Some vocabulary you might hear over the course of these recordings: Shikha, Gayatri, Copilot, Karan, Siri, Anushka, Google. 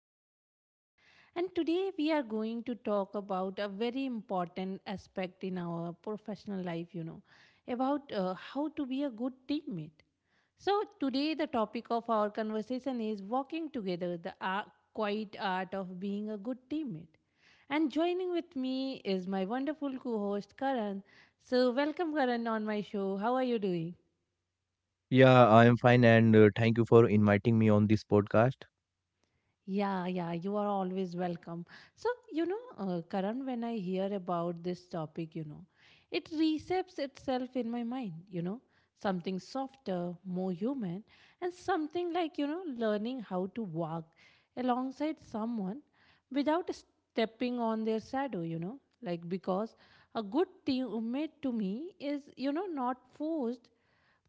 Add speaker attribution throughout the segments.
Speaker 1: our podcast. And today we are going to talk about a very important aspect in our professional life, about how to be a good teammate. So, today the topic of our conversation is walking together, quiet art of being a good teammate. And joining with me is my wonderful co host, Karan. So, welcome, Karan, on my show. How are you doing?
Speaker 2: Yeah, I am fine, and thank you for inviting me on this podcast.
Speaker 1: Yeah, yeah, you are always welcome. So, Karan, when I hear about this topic, it resets itself in my mind, something softer, more human, and something like, learning how to walk alongside someone without stepping on their shadow, like because a good teammate to me is, not forced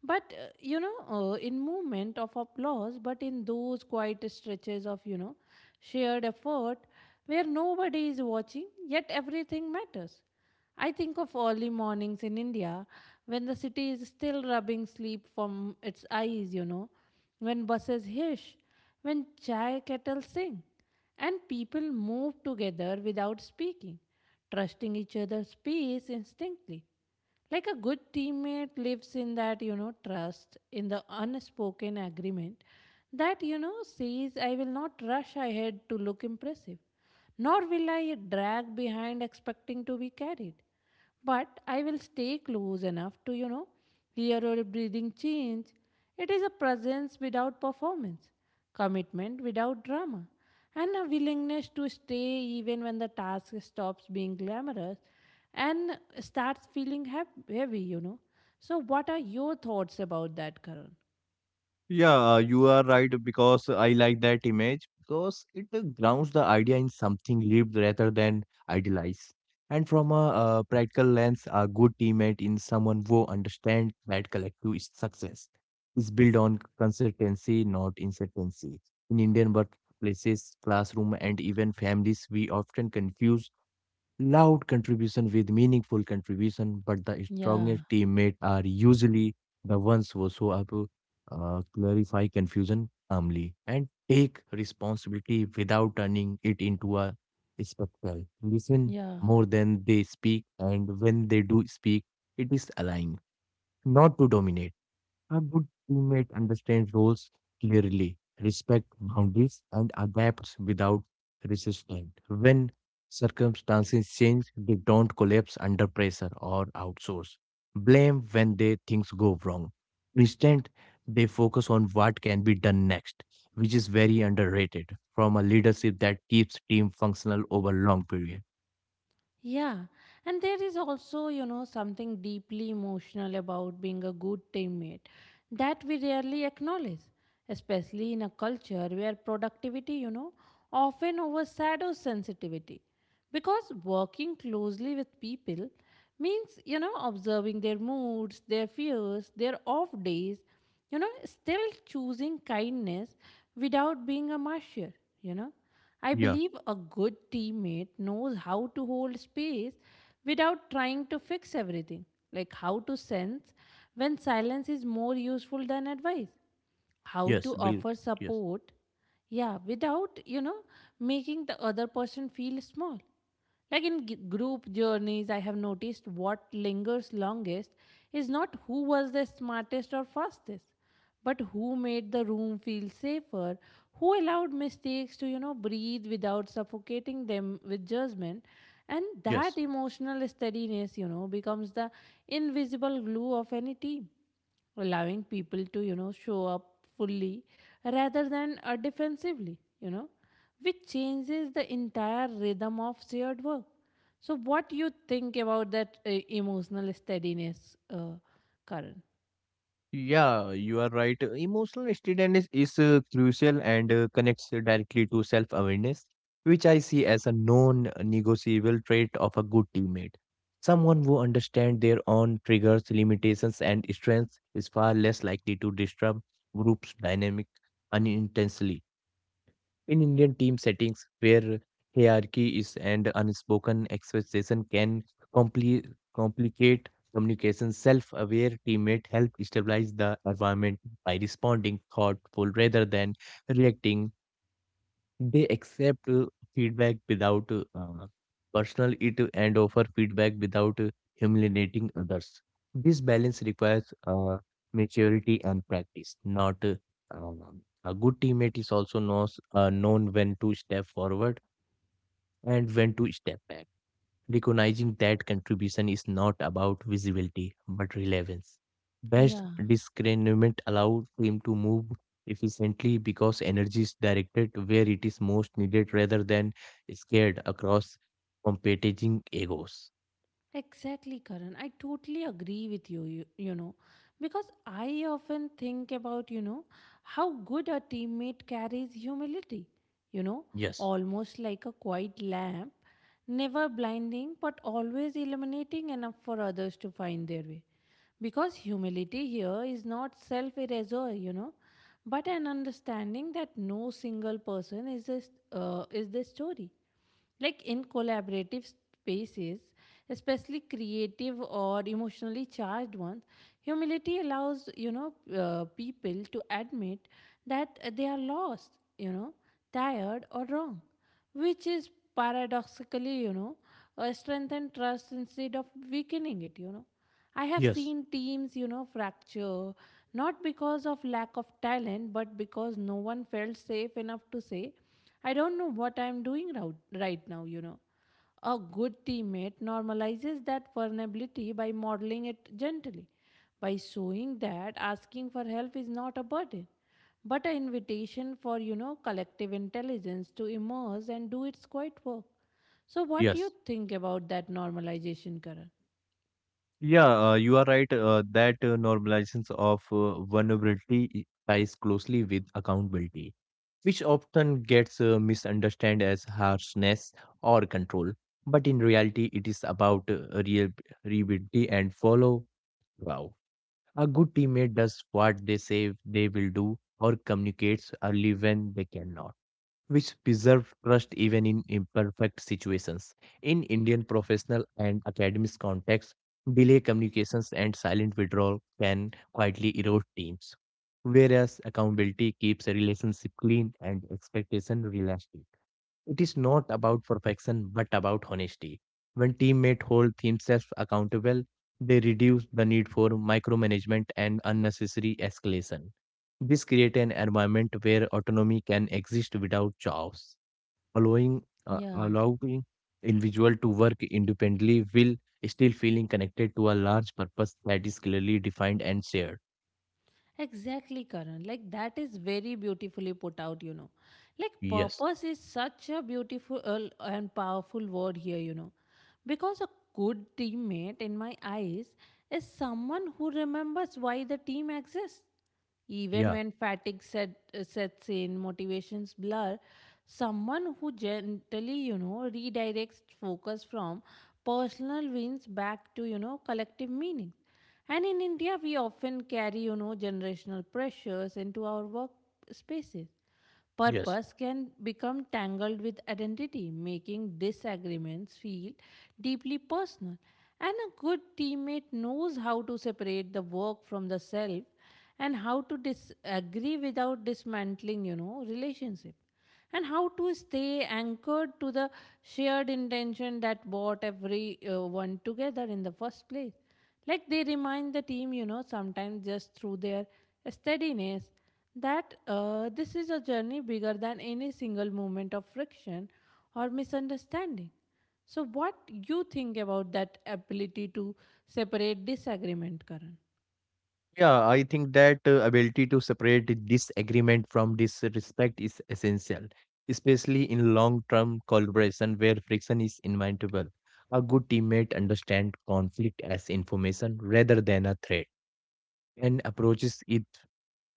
Speaker 1: but in movement of applause, but in those quiet stretches of shared effort where nobody is watching, yet everything matters. I think of early mornings in India when the city is still rubbing sleep from its eyes, when buses hiss, when chai kettles sing, and people move together without speaking, trusting each other's pace instinctly like a good teammate lives in that trust in the unspoken agreement that says I will not rush ahead to look impressive nor will I drag behind expecting to be carried but I will stay close enough to hear your breathing change. It is a presence without performance, commitment without drama, and a willingness to stay even when the task stops being glamorous and starts feeling heavy, So, what are your thoughts about that, Karan?
Speaker 2: Yeah, you are right because I like that image because it grounds the idea in something lived rather than idealized. And from a practical lens, a good teammate in someone who understands that collective is success is built on consistency, not incertainty. In Indian workplaces, classroom, and even families, we often confuse loud contribution with meaningful contribution, but the
Speaker 1: Yeah,
Speaker 2: strongest teammate are usually the ones who show up, clarify confusion calmly, and take responsibility without turning it into a spectacle. Listen
Speaker 1: yeah.
Speaker 2: more than they speak, and when they do speak, it is allowing not to dominate. A good teammate understands roles clearly, respects boundaries, and adapts without resistance. When circumstances change, they don't collapse under pressure or outsource blame when they things go wrong. Instead, they focus on what can be done next, which is very underrated from a leadership that keeps team functional over long period.
Speaker 1: Yeah, and there is also, something deeply emotional about being a good teammate that we rarely acknowledge, especially in a culture where productivity, often overshadows sensitivity. Because working closely with people means, observing their moods, their fears, their off days, still choosing kindness without being a martyr, you know. I
Speaker 2: Yeah.
Speaker 1: believe a good teammate knows how to hold space without trying to fix everything, like how to sense when silence is more useful than advice, how
Speaker 2: Yes.
Speaker 1: to
Speaker 2: Bill.
Speaker 1: offer
Speaker 2: Yes.
Speaker 1: support, yeah, without making the other person feel small, like in group journeys I have noticed what lingers longest is not who was the smartest or fastest but who made the room feel safer, who allowed mistakes to breathe without suffocating them with judgment. And that
Speaker 2: Yes.
Speaker 1: emotional steadiness becomes the invisible glue of any team, allowing people to show up fully rather than defensively, which changes the entire rhythm of shared work. So what you think about that emotional steadiness, Karan?
Speaker 2: Yeah, you are right. Emotional steadiness is crucial and connects directly to self-awareness, which I see as a non-negotiable trait of a good teammate. Someone who understands their own triggers, limitations, and strengths is far less likely to disturb group's dynamic unintentionally. In Indian team settings, where hierarchy is and unspoken expectation can compli- complicate communication, self-aware teammate help stabilize the environment by responding thoughtful rather than reacting they accept feedback without personal it and offer feedback without humiliating others. This balance requires maturity and practice. Not um, a good teammate is also knows known when to step forward and when to step back. Recognizing that contribution is not about visibility but relevance. Best
Speaker 1: Yeah,
Speaker 2: discernment allows him to move efficiently because energy is directed where it is most needed rather than scared across competing egos.
Speaker 1: exactly, Karan, I totally agree with you, you know, because I often think about how good a teammate carries humility, you know
Speaker 2: Yes,
Speaker 1: almost like a quiet lamp, never blinding but always illuminating enough for others to find their way. Because humility here is not self erasure, but an understanding that no single person is the story. Like in collaborative spaces, especially creative or emotionally charged ones, humility allows people to admit that they are lost, you know, tired or wrong, which is paradoxically, strengthen trust instead of weakening it, I have
Speaker 2: yes,
Speaker 1: seen teams, fracture not because of lack of talent, but because no one felt safe enough to say, I don't know what I'm doing right now, A good teammate normalizes that vulnerability by modeling it gently, by showing that asking for help is not a burden but an invitation for collective intelligence to emerge and do its quiet work. So what do you
Speaker 2: yes.
Speaker 1: think about that normalization, Karan?
Speaker 2: Yeah, you are right that normalizations of vulnerability ties closely with accountability, which often gets misunderstood as harshness or control. But in reality, it is about reliability and follow. Wow. A good teammate does what they say they will do or communicates early when they cannot, which preserve trust even in imperfect situations. In Indian professional and academic contexts, delay communications and silent withdrawal can quietly erode teams, whereas accountability keeps a relationship clean and expectation realistic. It is not about perfection, but about honesty. When teammates hold themselves accountable, they reduce the need for micromanagement and unnecessary escalation. This creates an environment where autonomy can exist without chaos.
Speaker 1: Yeah,
Speaker 2: Allowing individual to work independently while still feeling connected to a large purpose that is clearly defined and shared.
Speaker 1: exactly, Karan, like that is very beautifully put out, like
Speaker 2: Yes.
Speaker 1: purpose is such a beautiful and powerful word here, because a good teammate in my eyes is someone who remembers why the team exists. Even
Speaker 2: Yeah.
Speaker 1: when sets in, motivations blur, someone who gently, redirects focus from personal wins back to, collective meaning. And in India, we often carry, generational pressures into our work spaces.
Speaker 2: Yes.
Speaker 1: Purpose can become tangled with identity, making disagreements feel deeply personal. And a good teammate knows how to separate the work from the self and how to disagree without dismantling, relationship, and how to stay anchored to the shared intention that brought everyone together in the first place. Like they remind the team, sometimes just through their steadiness, that this is a journey bigger than any single moment of friction or misunderstanding. So, what you think about that ability to separate disagreement, Karan?
Speaker 2: Yeah, I think that ability to separate the disagreement from disrespect is essential, especially in long-term collaboration where friction is inevitable. A good teammate understands conflict as information rather than a threat and approaches it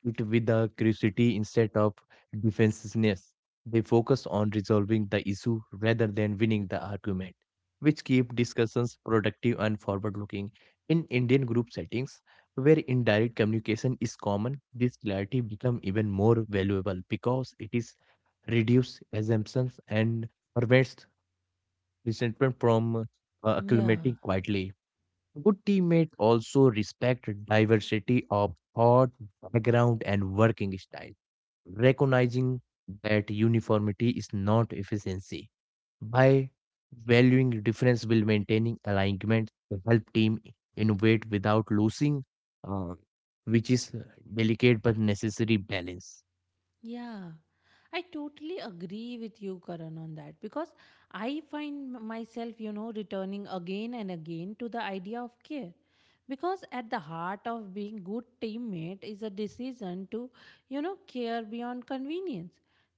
Speaker 2: it with a curiosity instead of defensiveness. They focus on resolving the issue rather than winning the argument, which keep discussions productive and forward-looking. In Indian group settings, where indirect communication is common, this clarity becomes even more valuable because it is reduces assumptions and prevents resentment from accumulating
Speaker 1: Yeah.
Speaker 2: quietly. Good teammates also respect diversity of thought, background, and working style, recognizing that uniformity is not efficiency. By valuing difference while maintaining alignment, to help team innovate without losing, uh, which is delicate but necessary balance.
Speaker 1: Yeah, I totally agree with you, Karan, on that because I find myself, returning again and again to the idea of care. Because at the heart of being good teammate is a decision to, care beyond convenience,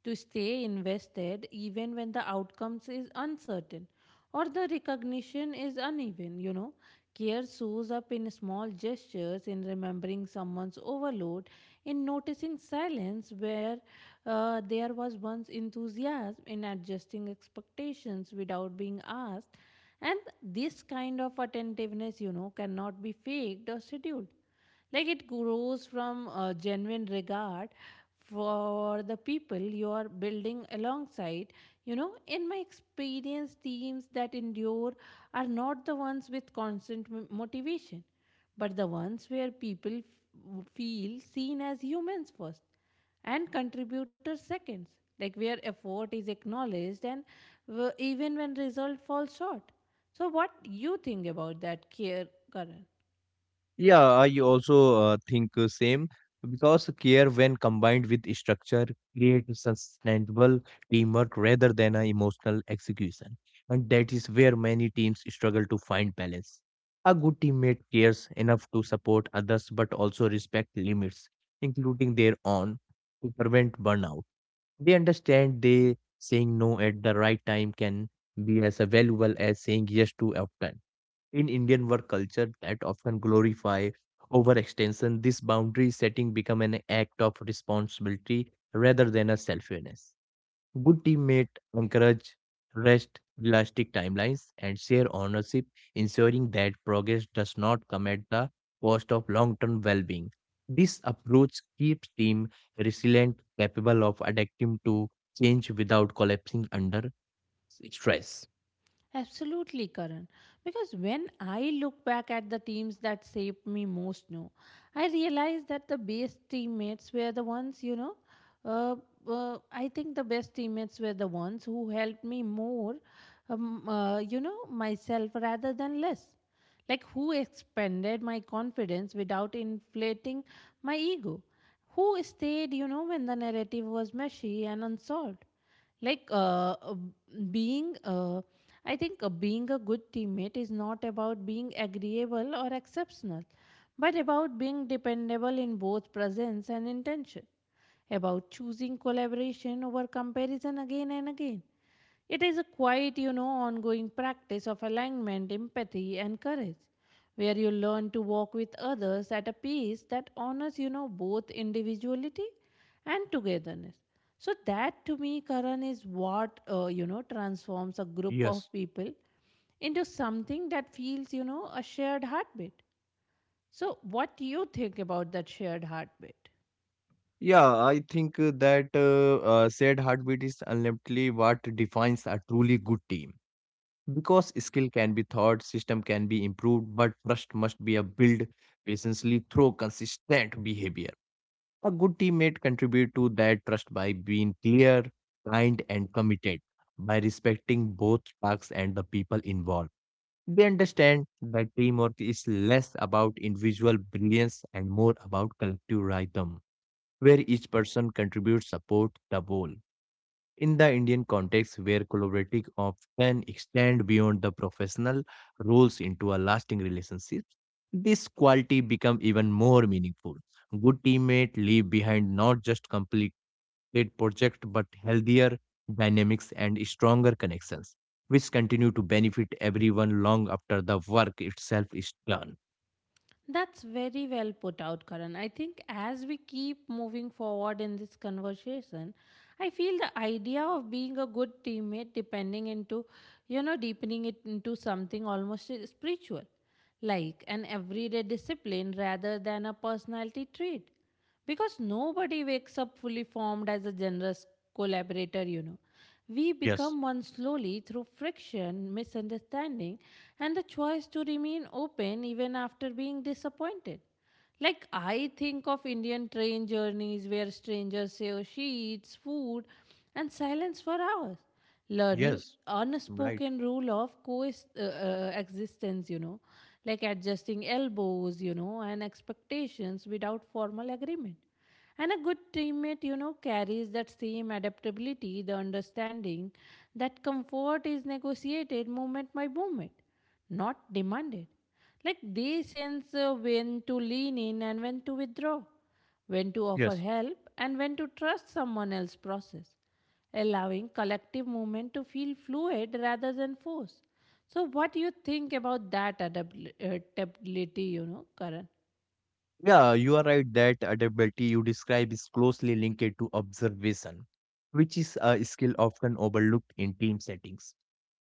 Speaker 1: to stay invested even when the outcomes is uncertain, or the recognition is uneven, Care shows up in small gestures, in remembering someone's overload, in noticing silence where there was once enthusiasm, in adjusting expectations without being asked. And this kind of attentiveness, cannot be faked or scheduled, like it grows from a genuine regard for the people you are building alongside. You know in my experience, teams that endure are not the ones with constant motivation but the ones where people feel seen as humans first and contributors seconds, like where effort is acknowledged and even when result falls short. So what you think about that care, current?
Speaker 2: Yeah, I also think same because care when combined with structure creates sustainable teamwork rather than an emotional execution. And that is where many teams struggle to find balance. A good teammate cares enough to support others but also respect limits, including their own, to prevent burnout. They understand they saying no at the right time can be as valuable as saying yes too often in Indian work culture that often glorify overextension, this boundary setting become an act of responsibility rather than a selfishness. Good teammate encourage rest, realistic timelines, and share ownership, ensuring that progress does not come at the cost of long-term well-being. This approach keeps team resilient, capable of adapting to change without collapsing under stress.
Speaker 1: Absolutely, Karan. Because when I look back at the teams that shaped me most now, I realize that the best teammates were the ones, uh, I think the best teammates were the ones who helped me more, myself rather than less. Like who expanded my confidence without inflating my ego. Who stayed, when the narrative was messy and unsolved, like being I think being a good teammate is not about being agreeable or exceptional but about being dependable in both presence and intention, about choosing collaboration over comparison again and again. It is a quiet, ongoing practice of alignment, empathy, and courage, where you learn to walk with others at a pace that honors, both individuality and togetherness. So that to me, Karan, is what transforms a group of
Speaker 2: Yes.
Speaker 1: people into something that feels a shared heartbeat. So what do you think about that shared heartbeat?
Speaker 2: Yeah, I think that said heartbeat is ultimately what defines a truly good team. Because skill can be taught, system can be improved, but trust must be a built patiently through consistent behavior. A good teammate contribute to that trust by being clear, kind, and committed, by respecting both tasks and the people involved. They understand that teamwork is less about individual brilliance and more about collective rhythm where each person contributes support the whole. In the Indian context, where collaborative often extend beyond the professional roles into a lasting relationship, this quality become even more meaningful. Good teammate leave behind not just completed project but healthier dynamics and stronger connections, which continue to benefit everyone long after the work itself is done.
Speaker 1: That's very well put out, Karan. I think as we keep moving forward in this conversation, I feel the idea of being a good teammate, depending into, deepening it into something almost spiritual, like an everyday discipline rather than a personality trait. Because nobody wakes up fully formed as a generous collaborator, We
Speaker 2: Yes.
Speaker 1: become one slowly through friction, misunderstanding, and the choice to remain open even after being disappointed. Like, I think of Indian train journeys where strangers share sheets, food, and silence for hours, learning
Speaker 2: Yes. Right.
Speaker 1: unspoken rule of coexistence existence, like adjusting elbows, and expectations without formal agreement. And a good teammate, carries that same adaptability, the understanding that comfort is negotiated moment by moment, not demanded. Like they sense when to lean in and when to withdraw, when to offer
Speaker 2: Yes.
Speaker 1: help and when to trust someone else's process, allowing collective movement to feel fluid rather than forced. So, what do you think about that adaptability, Karan?
Speaker 2: Yeah, you are right that adaptability you describe is closely linked to observation, which is a skill often overlooked in team settings.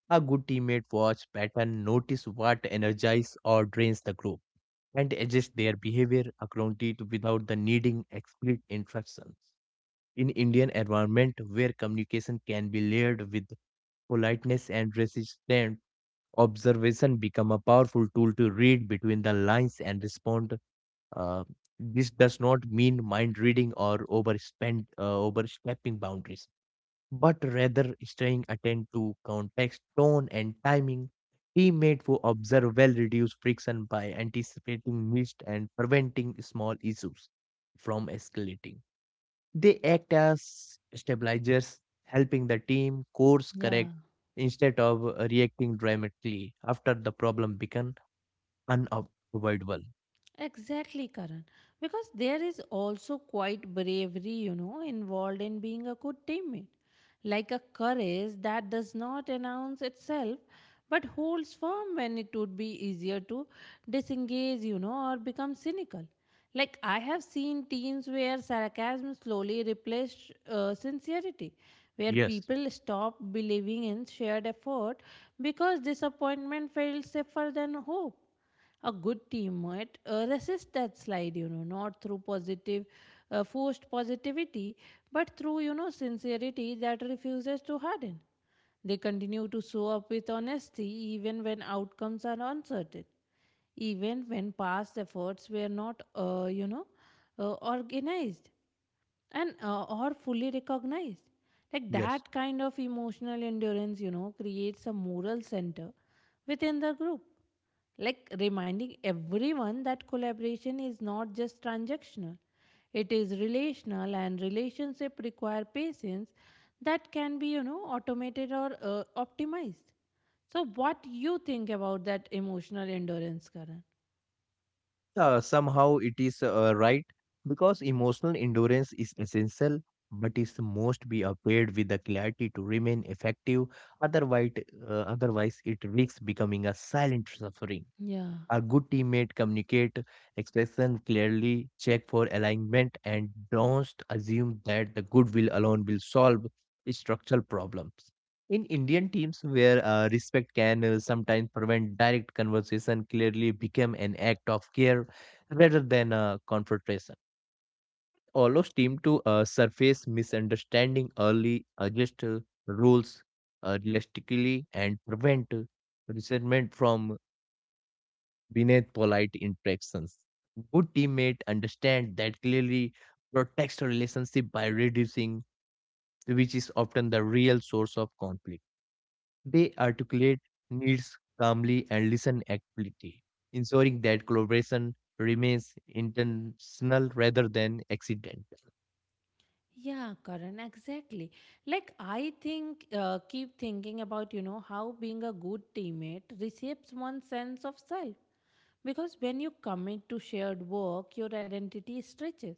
Speaker 2: A good teammate watch pattern, notice what energizes or drains the group, and adjust their behavior accordingly without the needing explicit instructions. In Indian environment where communication can be layered with politeness and resistance, observation become a powerful tool to read between the lines and respond. uh, this does not mean mind reading or overstepping boundaries, but rather staying attentive to context, tone, and timing. Teammate who observe well reduce friction by anticipating missed and preventing small issues from escalating. They act as stabilizers, helping the team course correct
Speaker 1: Yeah.
Speaker 2: instead of reacting dramatically after the problem become unavoidable.
Speaker 1: Exactly, Karan. Because there is also quite bravery, involved in being a good teammate. Like a courage that does not announce itself but holds firm when it would be easier to disengage, or become cynical. Like I have seen teams where sarcasm slowly replaced sincerity, where
Speaker 2: Yes,
Speaker 1: people stop believing in shared effort because disappointment felt safer than hope. A good team might resist that slide, not through positive forced positivity but through sincerity that refuses to harden. They continue to show up with honesty even when outcomes are uncertain, even when past efforts were not, organized and or fully recognized. Like
Speaker 2: yes.
Speaker 1: that kind of emotional endurance, creates a moral center within the group. Like reminding everyone that collaboration is not just transactional, it is relational, and relationship require patience that can be, automated or optimized. So, what you think about that emotional endurance, Karan?
Speaker 2: Somehow it is right because emotional endurance is essential, but it must be paired with the clarity to remain effective. Otherwise, Otherwise it risks becoming a silent suffering.
Speaker 1: Yeah.
Speaker 2: A good teammate communicate expression clearly, check for alignment, and don't assume that the goodwill alone will solve structural problems. In Indian teams, where respect can sometimes prevent direct conversation, clearly become an act of care rather than a confrontation. Allows team to surface misunderstanding early, adjust rules realistically, and prevent resentment from beneath polite interactions. Good teammate understand that clearly protects a relationship by reducing, which is often the real source of conflict. They articulate needs calmly and listen actively, ensuring that collaboration remains intentional rather than accidental.
Speaker 1: Yeah, Karan, exactly. Like, I think, keep thinking about, you know, how being a good teammate reshapes one's sense of self. Because when you commit to shared work, your identity stretches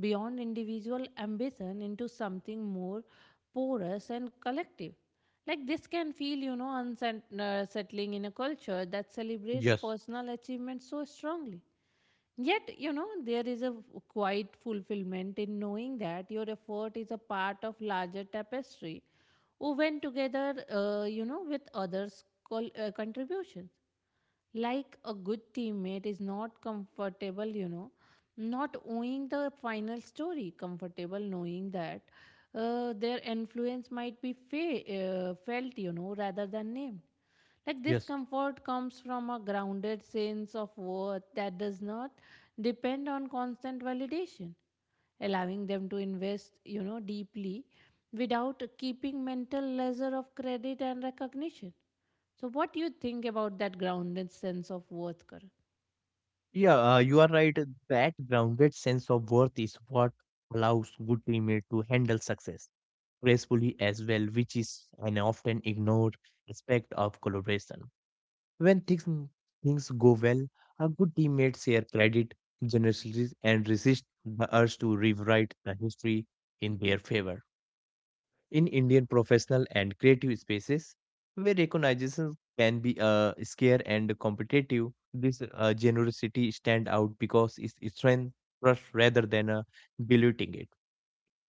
Speaker 1: beyond individual ambition into something more porous and collective. Like, this can feel, you know, unsettling in a culture that celebrates
Speaker 2: Yes,
Speaker 1: personal achievement so strongly. Yet, you know, there is a quiet fulfillment in knowing that your effort is a part of larger tapestry woven together, you know, with others' contributions. Like a good teammate is not comfortable, you know, not owning the final story, comfortable knowing that their influence might be felt, you know, rather than named. Like this
Speaker 2: yes.
Speaker 1: comfort comes from a grounded sense of worth that does not depend on constant validation, allowing them to invest, you know, deeply without keeping mental leisure of credit and recognition. So, what do you think about that grounded sense of worth, Karan?
Speaker 2: Yeah, you are right. That grounded sense of worth is what allows good teammates to handle success gracefully as well, which is an often ignored aspect of collaboration. When things, Things go well, a good teammate share credit generously and resist the urge to rewrite the history in their favor in Indian professional and creative spaces where recognition can be scarce and competitive. This generosity stand out because it's strength trust rather than diluting it.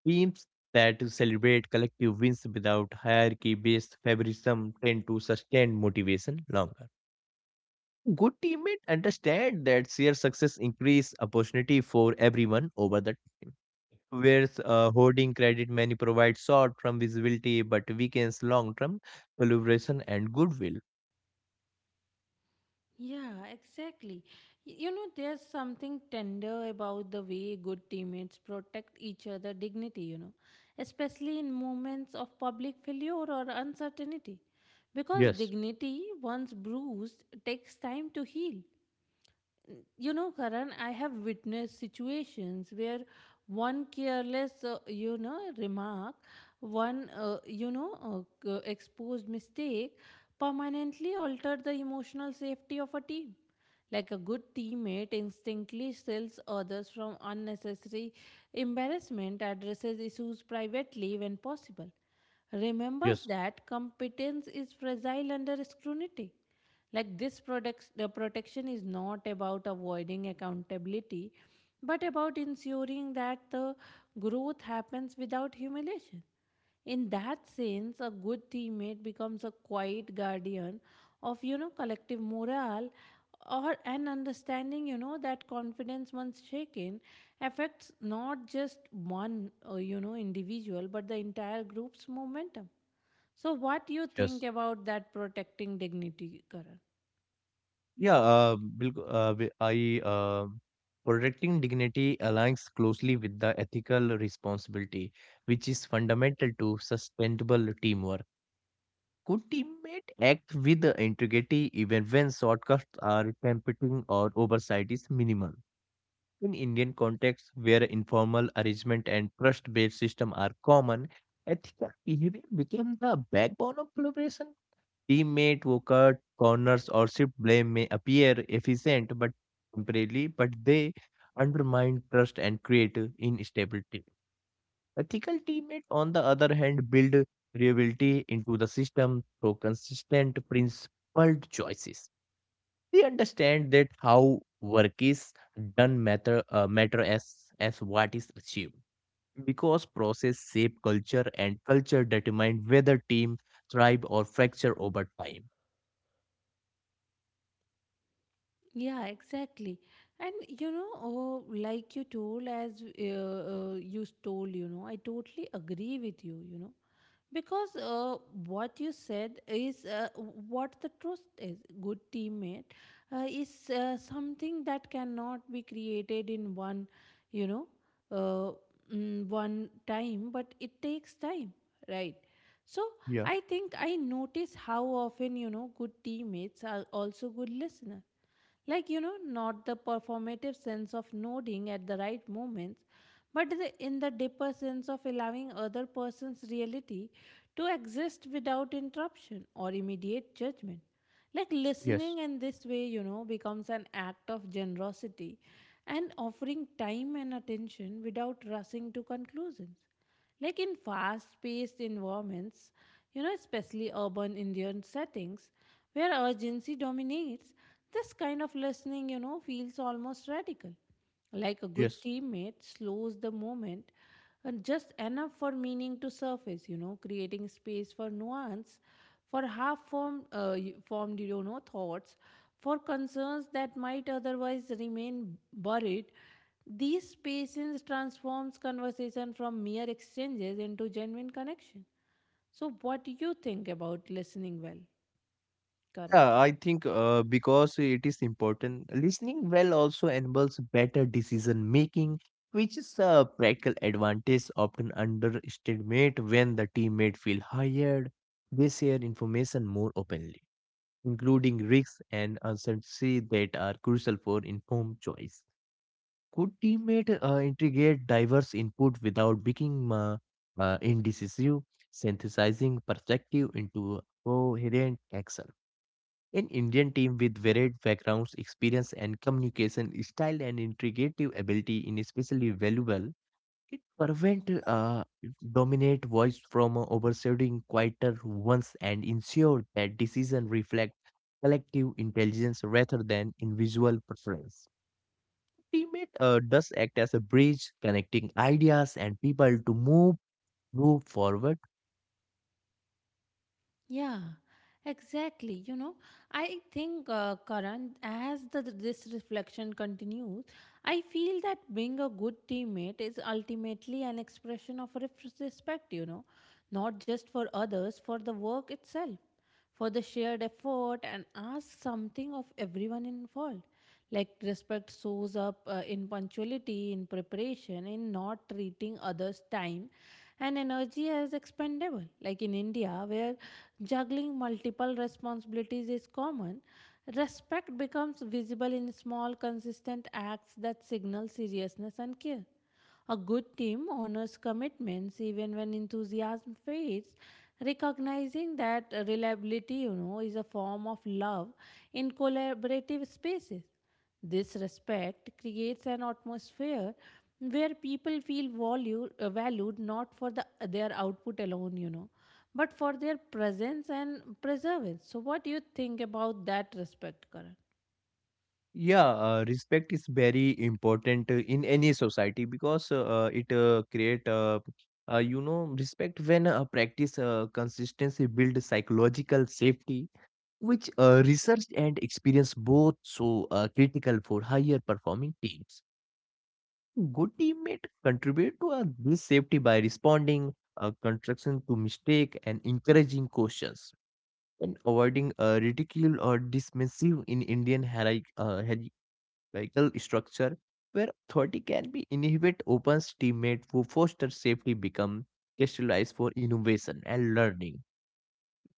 Speaker 2: Teams that celebrate collective wins without hierarchy-based favoritism tend to sustain motivation longer. Good teammate understand that shared success increase opportunity for everyone over the time. Whereas hoarding credit many provide short-term visibility but weakens long-term collaboration and goodwill.
Speaker 1: Yeah, exactly. You know, there's something tender about the way good teammates protect each other' dignity, you know, especially in moments of public failure or uncertainty. Because
Speaker 2: Yes,
Speaker 1: dignity, once bruised, takes time to heal. You know, Karan, I have witnessed situations where one careless, you know, remark, one, you know, exposed mistake permanently altered the emotional safety of a team. Like a good teammate instinctively shields others from unnecessary embarrassment, addresses issues privately when possible, remembers
Speaker 2: yes,
Speaker 1: that competence is fragile under scrutiny. Like the protection is not about avoiding accountability, but about ensuring that the growth happens without humiliation. In that sense, a good teammate becomes a quiet guardian of, you know, collective morale, or an understanding, you know, that confidence once shaken affects not just one, you know, individual but the entire group's momentum. So what do you think
Speaker 2: Yes.
Speaker 1: about that protecting dignity, Karan?
Speaker 2: Yeah, bilk- wi- I protecting dignity aligns closely with the ethical responsibility, which is fundamental to sustainable teamwork. Could teammate act with integrity even when shortcuts are tempting or oversight is minimal? In Indian contexts where informal arrangement and trust-based system are common, ethical behavior became the backbone of collaboration. Teammate who cut corners or shift blame may appear efficient but temporarily, but they undermine trust and create instability. Ethical teammates, on the other hand, build reliability into the system through consistent, principled choices. They understand that how work is done matter as what is achieved because process shape culture and culture determine whether team thrive or fracture over time.
Speaker 1: Yeah, exactly. And you know, oh, like you told, as you told, you know, I totally agree with you, you know, because what you said is, what the trust is. Good teammate is, something that cannot be created in one, you know, uh, one time, but it takes time, right? So
Speaker 2: Yeah.
Speaker 1: I think I notice how often, you know, good teammates are also good listeners, like, you know, not the performative sense of nodding at the right moments, but in the deeper sense of allowing other person's reality to exist without interruption or immediate judgment. Like
Speaker 2: Yes.
Speaker 1: listening in this way, you know, becomes an act of generosity and offering time and attention without rushing to conclusions. Like in fast paced environments, you know, especially urban Indian settings where urgency dominates, this kind of listening, you know, feels almost radical. Like a good
Speaker 2: Yes.
Speaker 1: teammate slows the moment and just enough for meaning to surface, you know, creating space for nuance, for half formed, formed, you know, thoughts, for concerns that might otherwise remain buried. These spaces transforms conversation from mere exchanges into genuine connection. So, what do you think about listening well, Karan?
Speaker 2: Yeah, I think because it is important, listening well also enables better decision making, which is a practical advantage often underestimated when the teammate feel hired. They share information more openly, including risks and uncertainty that are crucial for informed choice. Could teammate integrate diverse input without becoming indecisive, synthesizing perspective into a coherent action? An Indian team with varied backgrounds, experience, and communication style and integrative ability is especially valuable. It prevent dominant voice from overshadowing quieter ones and ensure that decisions reflect collective intelligence rather than individual preference. Teammate does act as a bridge connecting ideas and people to move forward.
Speaker 1: Yeah, exactly. You know, I think, Karan, as this reflection continues, I feel that being a good teammate is ultimately an expression of respect, you know, not just for others, for the work itself, for the shared effort, and ask something of everyone involved. Like respect shows up in punctuality, in preparation, in not treating others' time and energy as expendable. Like in India, where juggling multiple responsibilities is common, respect becomes visible in small, consistent acts that signal seriousness and care. A good team honors commitments even when enthusiasm fades, recognizing that reliability, you know, is a form of love in collaborative spaces. This respect creates an atmosphere where people feel valued, valued not for their output alone, you know, but for their presence and preservance. So, what do you think about that respect, Karan?
Speaker 2: Yeah, respect is very important in any society because it create you know respect when practice consistency build psychological safety, which research and experience both so critical for higher performing teams. Good teammate contribute to this safety by responding construction to mistake and encouraging questions and avoiding ridicule or dismissive in Indian hierarchy. Vehicle structure where authority can be inhibit opens teammate who foster safety become crystallized for innovation and learning.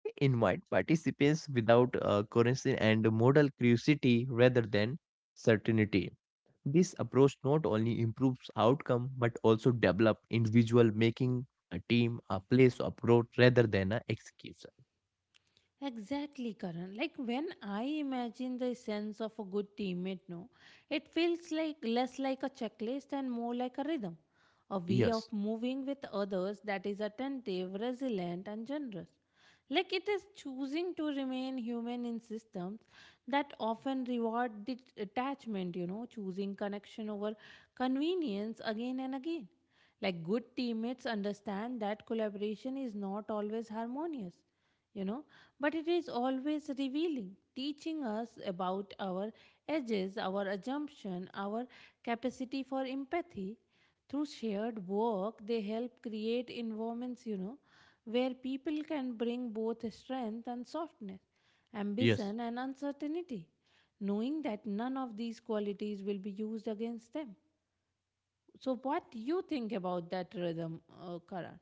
Speaker 2: They invite participants without currency and modal curiosity rather than certainty. This approach not only improves outcome but also develop individual making a team a place of growth rather than an execution.
Speaker 1: Exactly, Karan. Like when I imagine the sense of a good teammate, no, it feels like less like a checklist and more like a rhythm, a way of
Speaker 2: Yes,
Speaker 1: moving with others that is attentive, resilient, and generous. Like it is choosing to remain human in systems that often reward detachment, you know, choosing connection over convenience again and again. Like good teammates understand that collaboration is not always harmonious, you know, but it is always revealing, teaching us about our edges, our assumption, our capacity for empathy. Through shared work, they help create environments, you know, where people can bring both strength and softness,
Speaker 2: yes.
Speaker 1: ambition and uncertainty, knowing that none of these qualities will be used against them. So, what do you think about that rhythm, Karan?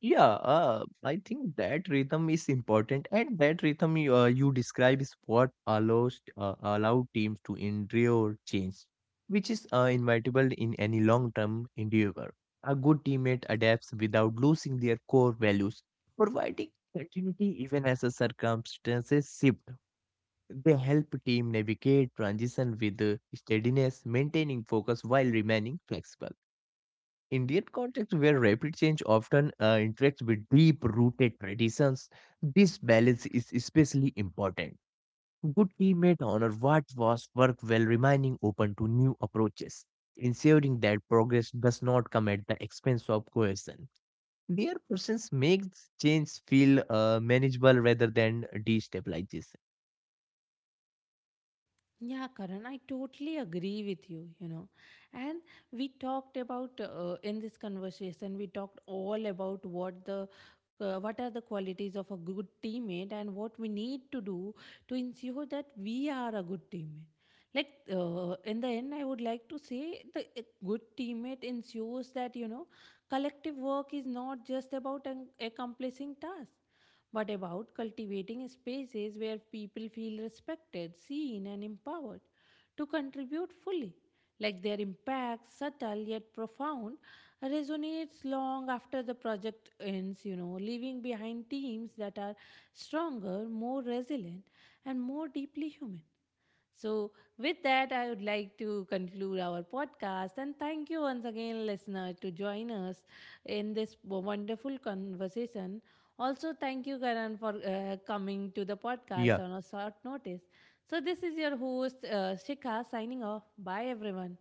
Speaker 2: Yeah, I think that rhythm is important, and that rhythm you describe is what allows allow teams to endure change, which is inevitable in any long-term endeavor. A good teammate adapts without losing their core values, providing continuity even as the circumstances shift. They help team navigate transition with steadiness, maintaining focus while remaining flexible. Indian context where rapid change often interacts with deep rooted traditions, this balance is especially important. Good teammate honor what was worked while remaining open to new approaches, ensuring that progress does not come at the expense of cohesion. Their presence makes change feel manageable rather than destabilizes.
Speaker 1: Yeah, Karan, I totally agree with you, you know. And we talked about, in this conversation, we talked all about what the what are the qualities of a good teammate and what we need to do to ensure that we are a good teammate. Like in the end, I would like to say the a good teammate ensures that, you know, collective work is not just about accomplishing tasks but about cultivating spaces where people feel respected, seen, and empowered to contribute fully. Like their impact, subtle yet profound, resonates long after the project ends, you know, leaving behind teams that are stronger, more resilient, and more deeply human. So, with that, I would like to conclude our podcast and thank you once again, listener, to join us in this wonderful conversation. Also, thank you, Karan, for coming to the podcast
Speaker 2: Yeah.
Speaker 1: on a short notice. So, this is your host, Shikha, signing off. Bye, everyone.